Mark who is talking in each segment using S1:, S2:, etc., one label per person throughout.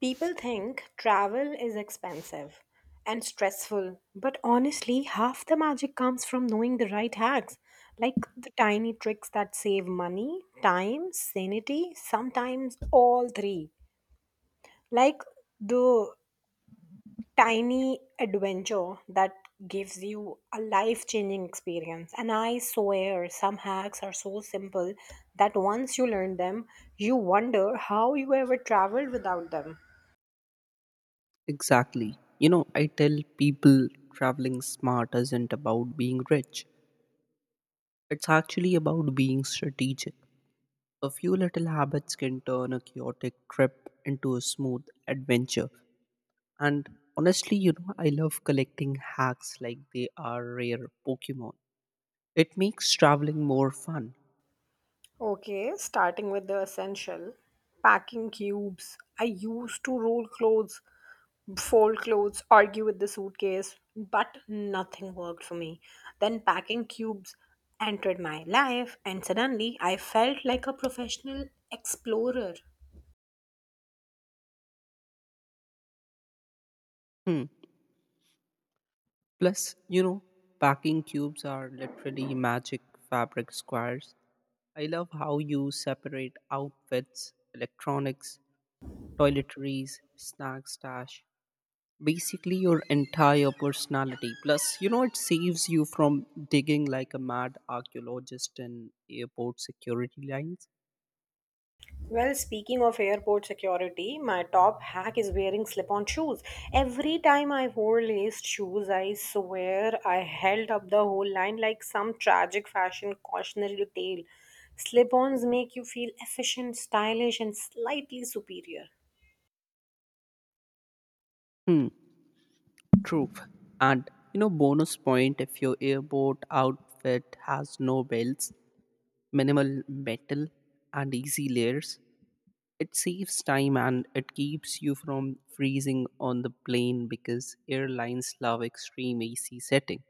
S1: People think travel is expensive and stressful, but honestly, half the magic comes from knowing the right hacks, like the tiny tricks that save money, time, sanity, sometimes all three. Like the tiny adventure that gives you a life changing experience. And I swear, some hacks are so simple that once you learn them, you wonder how you ever traveled without them.
S2: Exactly. I tell people traveling smart isn't about being rich, it's actually about being strategic. A few little habits can turn a chaotic trip into a smooth adventure. And honestly, I love collecting hacks like they are rare Pokemon. It makes traveling more fun.
S1: Okay, starting with the essential packing cubes. I used to roll clothes, fold clothes, argue with the suitcase, but nothing worked for me. Then packing cubes entered my life, and suddenly I felt like a professional explorer.
S2: Hmm. Plus, packing cubes are literally magic fabric squares. I love how you separate outfits, electronics, toiletries, snack stash, basically your entire personality. Plus, it saves you from digging like a mad archaeologist in airport security lines.
S1: Well, speaking of airport security, my top hack is wearing slip on shoes. Every time I wore laced shoes, I swear I held up the whole line like some tragic fashion cautionary tale. Slip ons make you feel efficient, stylish, and slightly superior.
S2: Hmm, true. And, bonus point if your airport outfit has no belts, minimal metal, and easy layers. It saves time and it keeps you from freezing on the plane because airlines love extreme AC setting.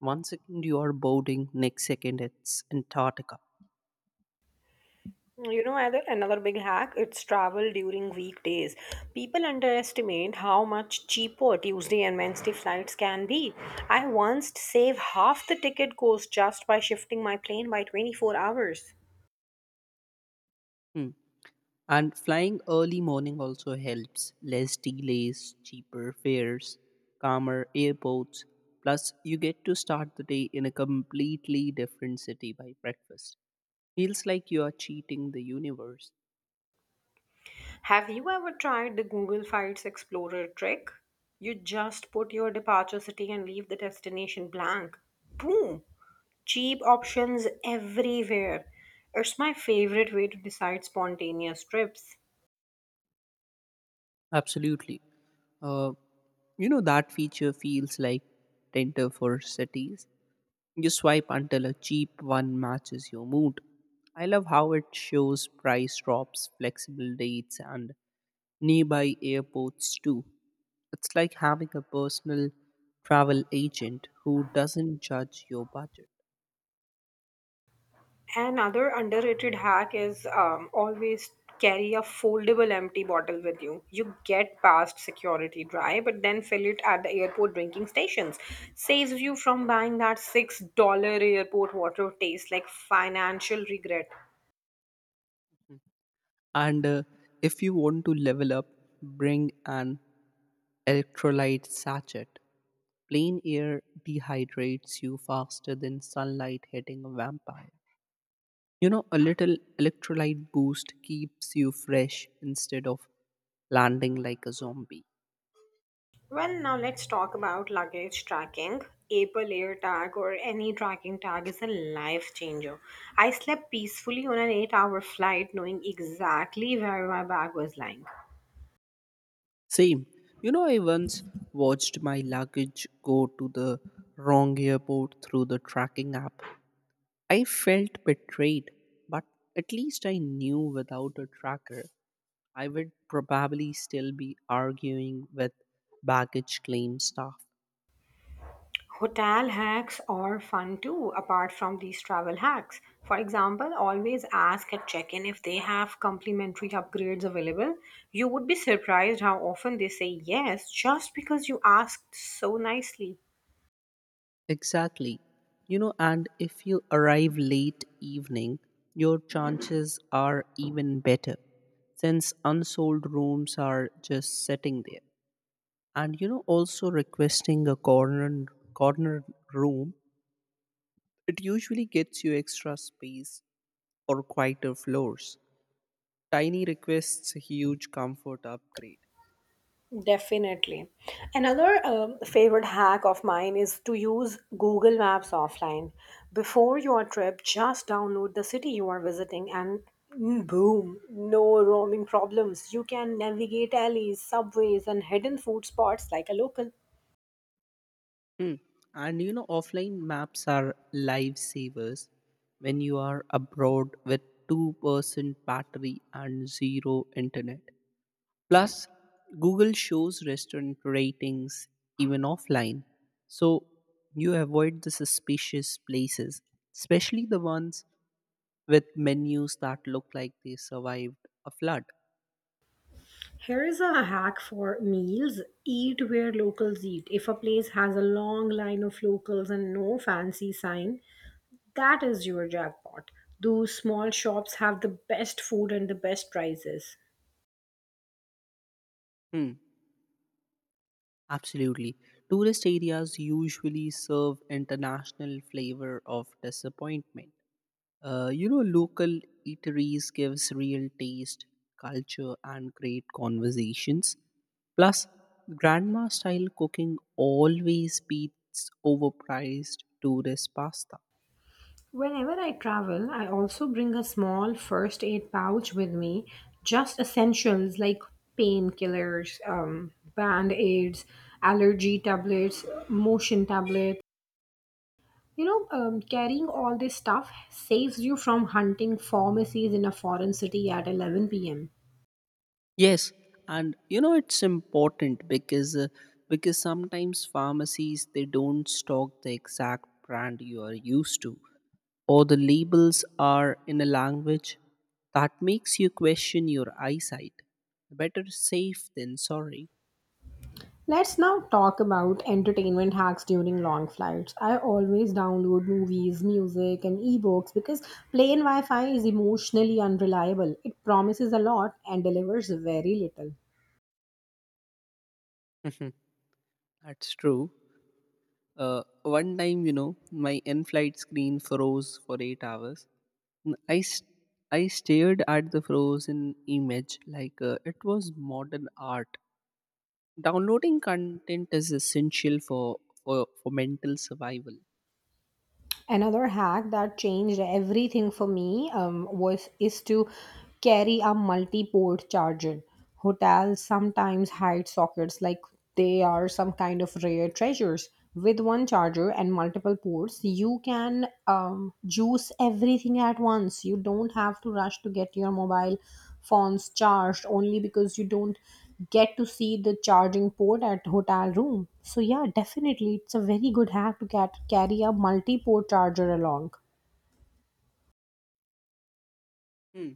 S2: One second you are boarding, next second it's Antarctica.
S1: You know, Adil, another big hack, it's travel during weekdays. People underestimate how much cheaper Tuesday and Wednesday flights can be. I once saved half the ticket cost just by shifting my plane by 24 hours.
S2: Hmm. And flying early morning also helps. Less delays, cheaper fares, calmer airports. Plus, you get to start the day in a completely different city by breakfast. Feels like you are cheating the universe.
S1: Have you ever tried the Google Flights Explorer trick? You just put your departure city and leave the destination blank. Boom! Cheap options everywhere. It's my favorite way to decide spontaneous trips.
S2: Absolutely. Uh, that feature feels like Tinder for cities. You swipe until a cheap one matches your mood. I love how it shows price drops, flexible dates, and nearby airports too. It's like having a personal travel agent who doesn't judge your budget.
S1: Another underrated hack is always carry a foldable empty bottle with you. You get past security dry, but then fill it at the airport drinking stations. Saves you from buying that $6 airport water taste like financial regret.
S2: And if you want to level up, bring an electrolyte sachet. Plain air dehydrates you faster than sunlight hitting a vampire. A little electrolyte boost keeps you fresh instead of landing like a zombie.
S1: Well, now let's talk about luggage tracking. Apple AirTag or any tracking tag is a life changer. I slept peacefully on an 8-hour flight knowing exactly where my bag was lying.
S2: Same. I once watched my luggage go to the wrong airport through the tracking app. I felt betrayed, but at least I knew without a tracker, I would probably still be arguing with baggage claim staff.
S1: Hotel hacks are fun too, apart from these travel hacks. For example, always ask at check in if they have complimentary upgrades available. You would be surprised how often they say yes just because you asked so nicely.
S2: Exactly. And if you arrive late evening, your chances are even better since unsold rooms are just sitting there. And also requesting a corner room, it usually gets you extra space or quieter floors. Tiny requests, huge comfort upgrade.
S1: Definitely. Another favorite hack of mine is to use Google Maps offline. Before your trip, just download the city you are visiting and boom, no roaming problems. You can navigate alleys, subways, and hidden food spots like a local.
S2: Mm. And offline maps are lifesavers when you are abroad with 2% battery and zero internet. Plus, Google shows restaurant ratings even offline. So you avoid the suspicious places, especially the ones with menus that look like they survived a flood.
S1: Here is a hack for meals. Eat where locals eat. If a place has a long line of locals and no fancy sign, that is your jackpot. Those small shops have the best food and the best prices.
S2: Hmm. Absolutely. Tourist areas usually serve international flavor of disappointment. Local eateries gives real taste, culture, and great conversations. Plus, grandma style cooking always beats overpriced tourist pasta.
S1: Whenever I travel, I also bring a small first aid pouch with me, just essentials like painkillers, band aids, allergy tablets, motion tablets. Carrying all this stuff saves you from hunting pharmacies in a foreign city at 11 p.m.
S2: Yes, and it's important because sometimes pharmacies they don't stock the exact brand you are used to, or the labels are in a language that makes you question your eyesight. Better safe than sorry.
S1: Let's now talk about entertainment hacks during long flights. I always download movies, music, and ebooks because plane Wi Fi is emotionally unreliable. It promises a lot and delivers very little.
S2: Mhm. That's true. One time, my in-flight screen froze for 8 hours. N- I s- I stared at the frozen image like it was modern art. Downloading content is essential for mental survival.
S1: Another hack that changed everything for me, was is to carry a multi-port charger. Hotels sometimes hide sockets like they are some kind of rare treasures. With one charger and multiple ports you can juice everything at once. You don't have to rush to get your mobile phones charged only because you don't get to see the charging port at hotel room. So yeah, definitely it's a very good hack to get carry a multi-port charger along.
S2: Hmm.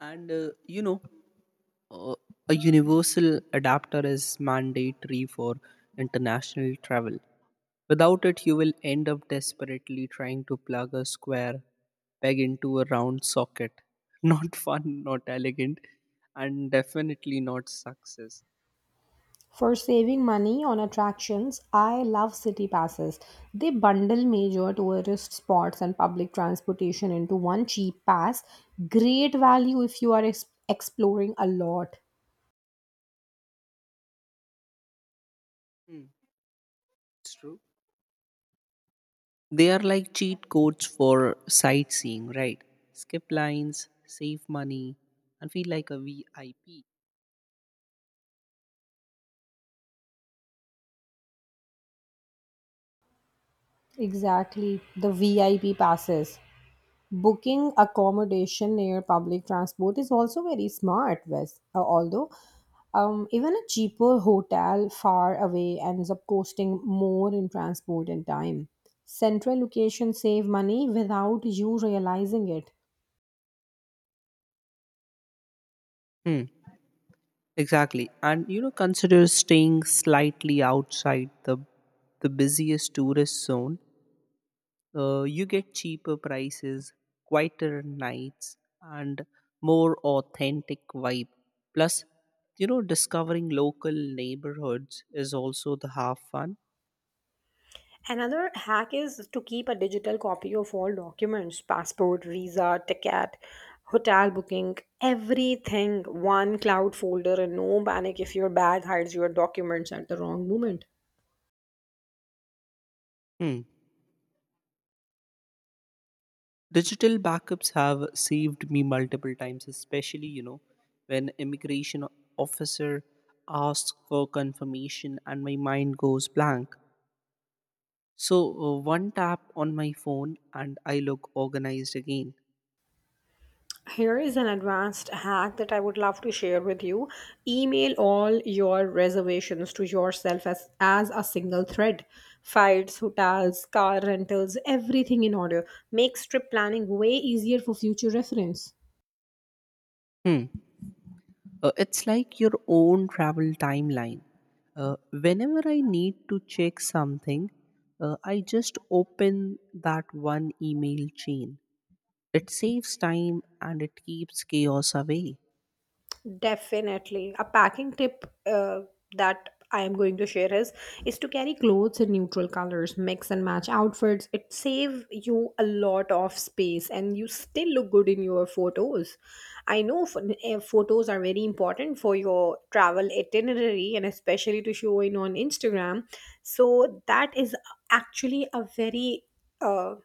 S2: And you know. Uh, a universal adapter is mandatory for international travel. Without it, you will end up desperately trying to plug a square peg into a round socket. Not fun, not elegant, and definitely not success.
S1: For saving money on attractions, I love city passes. They bundle major tourist spots and public transportation into one cheap pass. Great value if you are exploring a lot.
S2: Hmm, it's true. They are like cheat codes for sightseeing, right? Skip lines, save money, and feel like a VIP.
S1: Exactly, the VIP passes. Booking accommodation near public transport is also very smart, Wes. Although, even a cheaper hotel far away ends up costing more in transport and time. Central locations save money without you realizing it.
S2: Hmm. Exactly. And consider staying slightly outside the busiest tourist zone. You get cheaper prices, quieter nights, and more authentic vibe. Plus, discovering local neighborhoods is also the half fun.
S1: Another hack is to keep a digital copy of all documents: passport, visa, ticket, hotel booking, everything one cloud folder, and no panic if your bag hides your documents at the wrong moment.
S2: Hmm. Digital backups have saved me multiple times, especially when immigration officer asks for confirmation and my mind goes blank. So, one tap on my phone and I look organized again.
S1: Here is an advanced hack that I would love to share with you. Email all your reservations to yourself as a single thread. Flights, hotels, car rentals, everything in order. Makes trip planning way easier for future reference.
S2: Hmm. It's like your own travel timeline. Whenever I need to check something, I just open that one email chain. It saves time and it keeps chaos away.
S1: Definitely. A packing tip that I am going to share is to carry clothes in neutral colors, mix and match outfits. It save you a lot of space and you still look good in your photos. I know photos are very important for your travel itinerary and especially to show in on Instagram. So that is actually a very uh,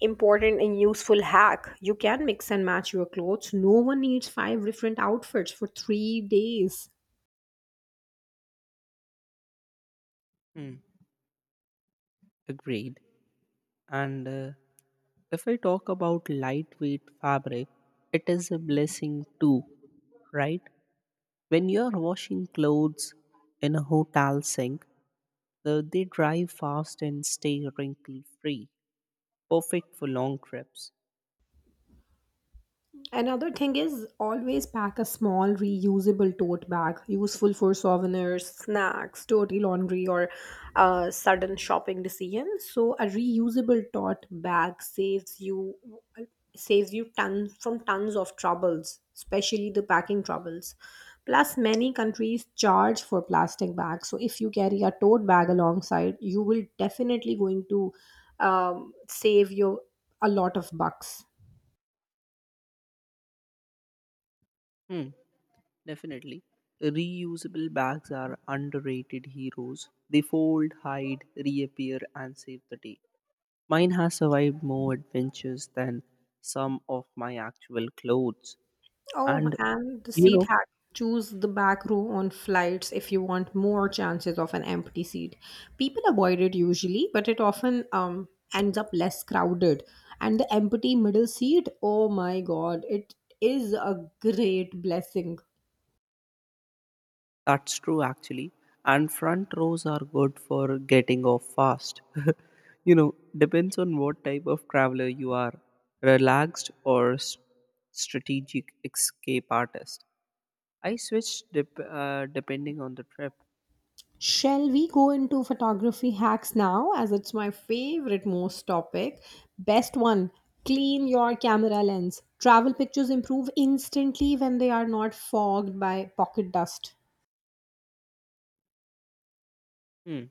S1: important and useful hack. You can mix and match your clothes. No one needs five different outfits for 3 days.
S2: Hmm. Agreed. And if I talk about lightweight fabric, it is a blessing too, right? When you're washing clothes in a hotel sink, they dry fast and stay wrinkle free, perfect for long trips.
S1: Another thing is always pack a small reusable tote bag, useful for souvenirs, snacks, dirty laundry, or sudden shopping decisions. So a reusable tote bag saves you tons from tons of troubles, especially the packing troubles. Plus, many countries charge for plastic bags. So if you carry a tote bag alongside, you will definitely going to save you a lot of bucks.
S2: Hmm, definitely. Reusable bags are underrated heroes. They fold, hide, reappear, and save the day. Mine has survived more adventures than some of my actual clothes.
S1: Oh,
S2: And
S1: and the
S2: you
S1: seat
S2: know,
S1: hack. Choose the back row on flights if you want more chances of an empty seat. People avoid it usually, but it often ends up less crowded. And the empty middle seat, oh my god, it is a great blessing.
S2: That's true, actually. And front rows are good for getting off fast. Depends on what type of traveler you are, relaxed or strategic escape artist. I switched depending on the trip.
S1: Shall we go into photography hacks now, as it's my favorite most topic? Best one, clean your camera lens. Travel pictures improve instantly when they are not fogged by pocket dust.
S2: Hmm.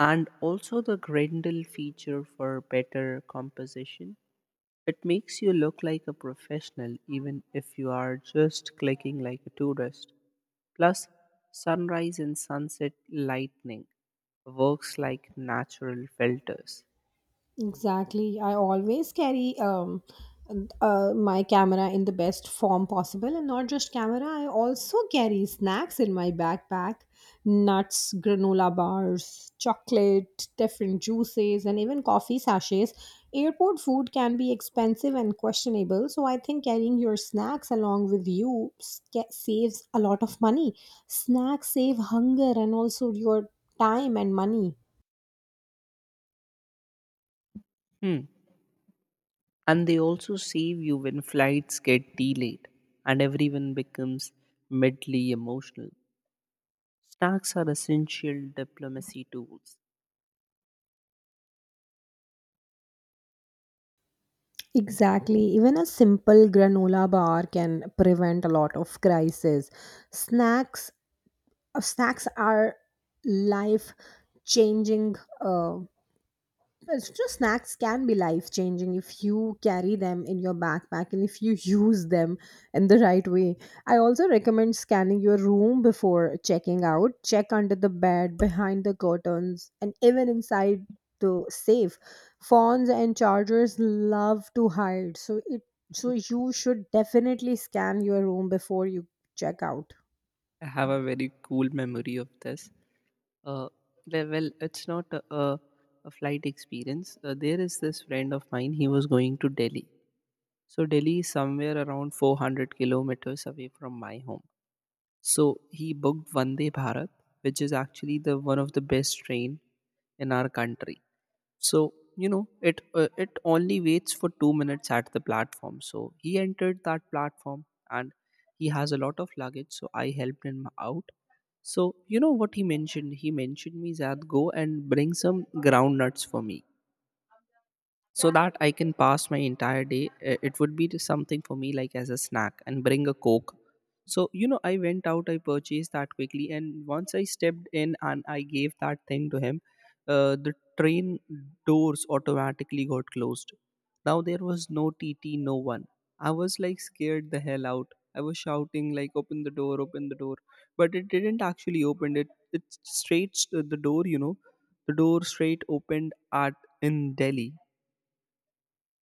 S2: And also the Grendel feature for better composition. It makes you look like a professional even if you are just clicking like a tourist. Plus, sunrise and sunset lightning works like natural filters.
S1: Exactly. I always carry my camera in the best form possible, and not just camera. I also carry snacks in my backpack, nuts, granola bars, chocolate, different juices, and even coffee sachets. Airport food can be expensive and questionable, so I think carrying your snacks along with you saves a lot of money. Snacks save hunger and also your time and money.
S2: Hmm. And they also save you when flights get delayed and everyone becomes medley emotional. Snacks are essential diplomacy tools.
S1: Exactly. Even a simple granola bar can prevent a lot of crises. Snacks, snacks are life changing. Uh, Extra snacks can be life changing if you carry them in your backpack and if you use them in the right way. I also recommend scanning your room before checking out. Check under the bed, behind the curtains, and even inside the safe. Phones and chargers love to hide, so you should definitely scan your room before you check out.
S2: I have a very cool memory of this. Uh, well, it's not a flight experience. There is this friend of mine, he was going to Delhi. So, Delhi is somewhere around 400 kilometers away from my home. So he booked Vande Bharat, which is actually the one of the best train in our country. So it it only waits for 2 minutes at the platform. So he entered that platform and he has a lot of luggage. So I helped him out. So you know what he mentioned? He mentioned me that go and bring some ground nuts for me so that I can pass my entire day. It would be something for me like as a snack, and bring a Coke. So, I went out, I purchased that quickly. And once I stepped in and I gave that thing to him, the train doors automatically got closed. Now there was no TT, no one. I was like scared the hell out. I was shouting like, "Open the door! Open the door!" But it didn't actually open it. It straight the door, the door straight opened at in Delhi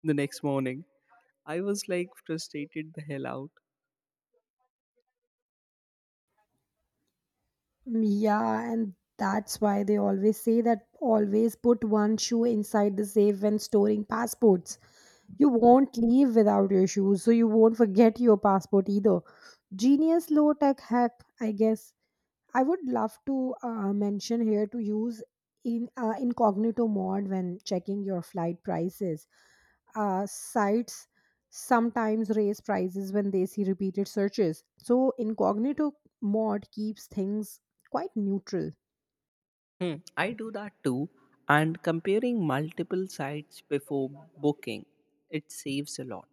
S2: the next morning. I was like frustrated the hell out.
S1: Yeah, and that's why they always say that always put one shoe inside the safe when storing passports. You won't leave without your shoes, so you won't forget your passport either. Genius low tech hack, I guess. I would love to mention here to use in incognito mode when checking your flight prices. Sites sometimes raise prices when they see repeated searches. So incognito mode keeps things quite neutral.
S2: Hmm, I do that too. And comparing multiple sites before booking, it saves a lot.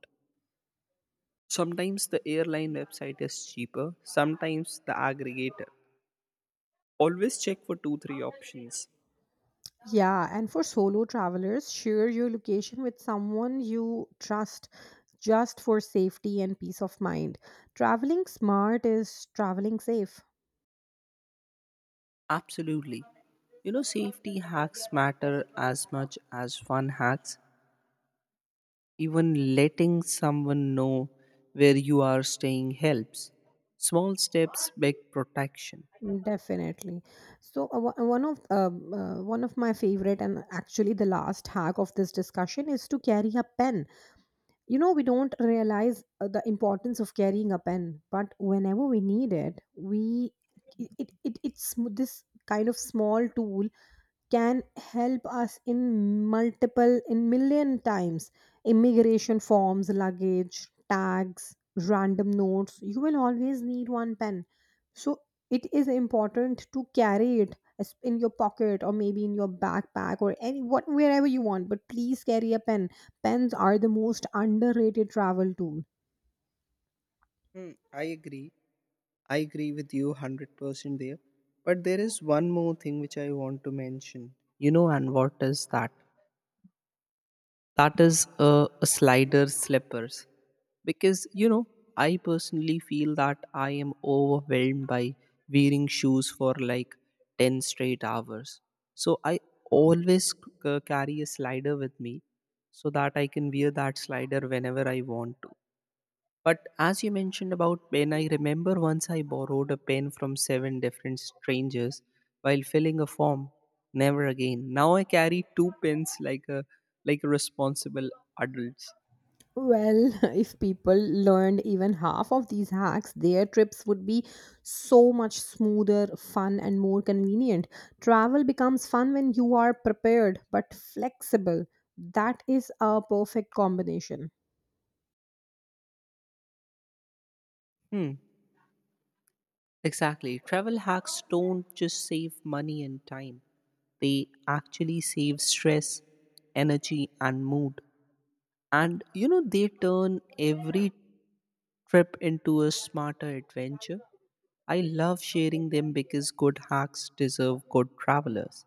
S2: Sometimes the airline website is cheaper, sometimes the aggregator. Always check for two, three options.
S1: Yeah, and for solo travelers, share your location with someone you trust just for safety and peace of mind. Traveling smart is traveling safe.
S2: Absolutely. Safety hacks matter as much as fun hacks. Even letting someone know where you are staying helps. Small steps, big protection.
S1: Definitely. So one of my favorite and actually the last hack of this discussion is to carry a pen. You know, we don't realize the importance of carrying a pen, but whenever we need it, we it, it, it it's sm- this kind of small tool can help us in multiple in million times. Immigration forms, luggage tags, random notes, you will always need one pen. So it is important to carry it in your pocket or maybe in your backpack or any what wherever you want, but please carry a pen. Pens are the most underrated travel tool.
S2: Hmm, I agree. I agree with you 100% there. But there is one more thing which I want to mention. And what is that? That is a slider slippers. Because, I personally feel that I am overwhelmed by wearing shoes for like 10 straight hours. So I always carry a slider with me so that I can wear that slider whenever I want to. But as you mentioned about pen, I remember once I borrowed a pen from 7 different strangers while filling a form. Never again. Now I carry two pens like a responsible adults.
S1: Well, if people learned even half of these hacks, their trips would be so much smoother, fun, and more convenient. Travel becomes fun when you are prepared but flexible. That is a perfect combination.
S2: Hmm. Exactly. Travel hacks don't just save money and time. They actually save stress, energy and mood. And they turn every trip into a smarter adventure. I love sharing them because good hacks deserve good travelers.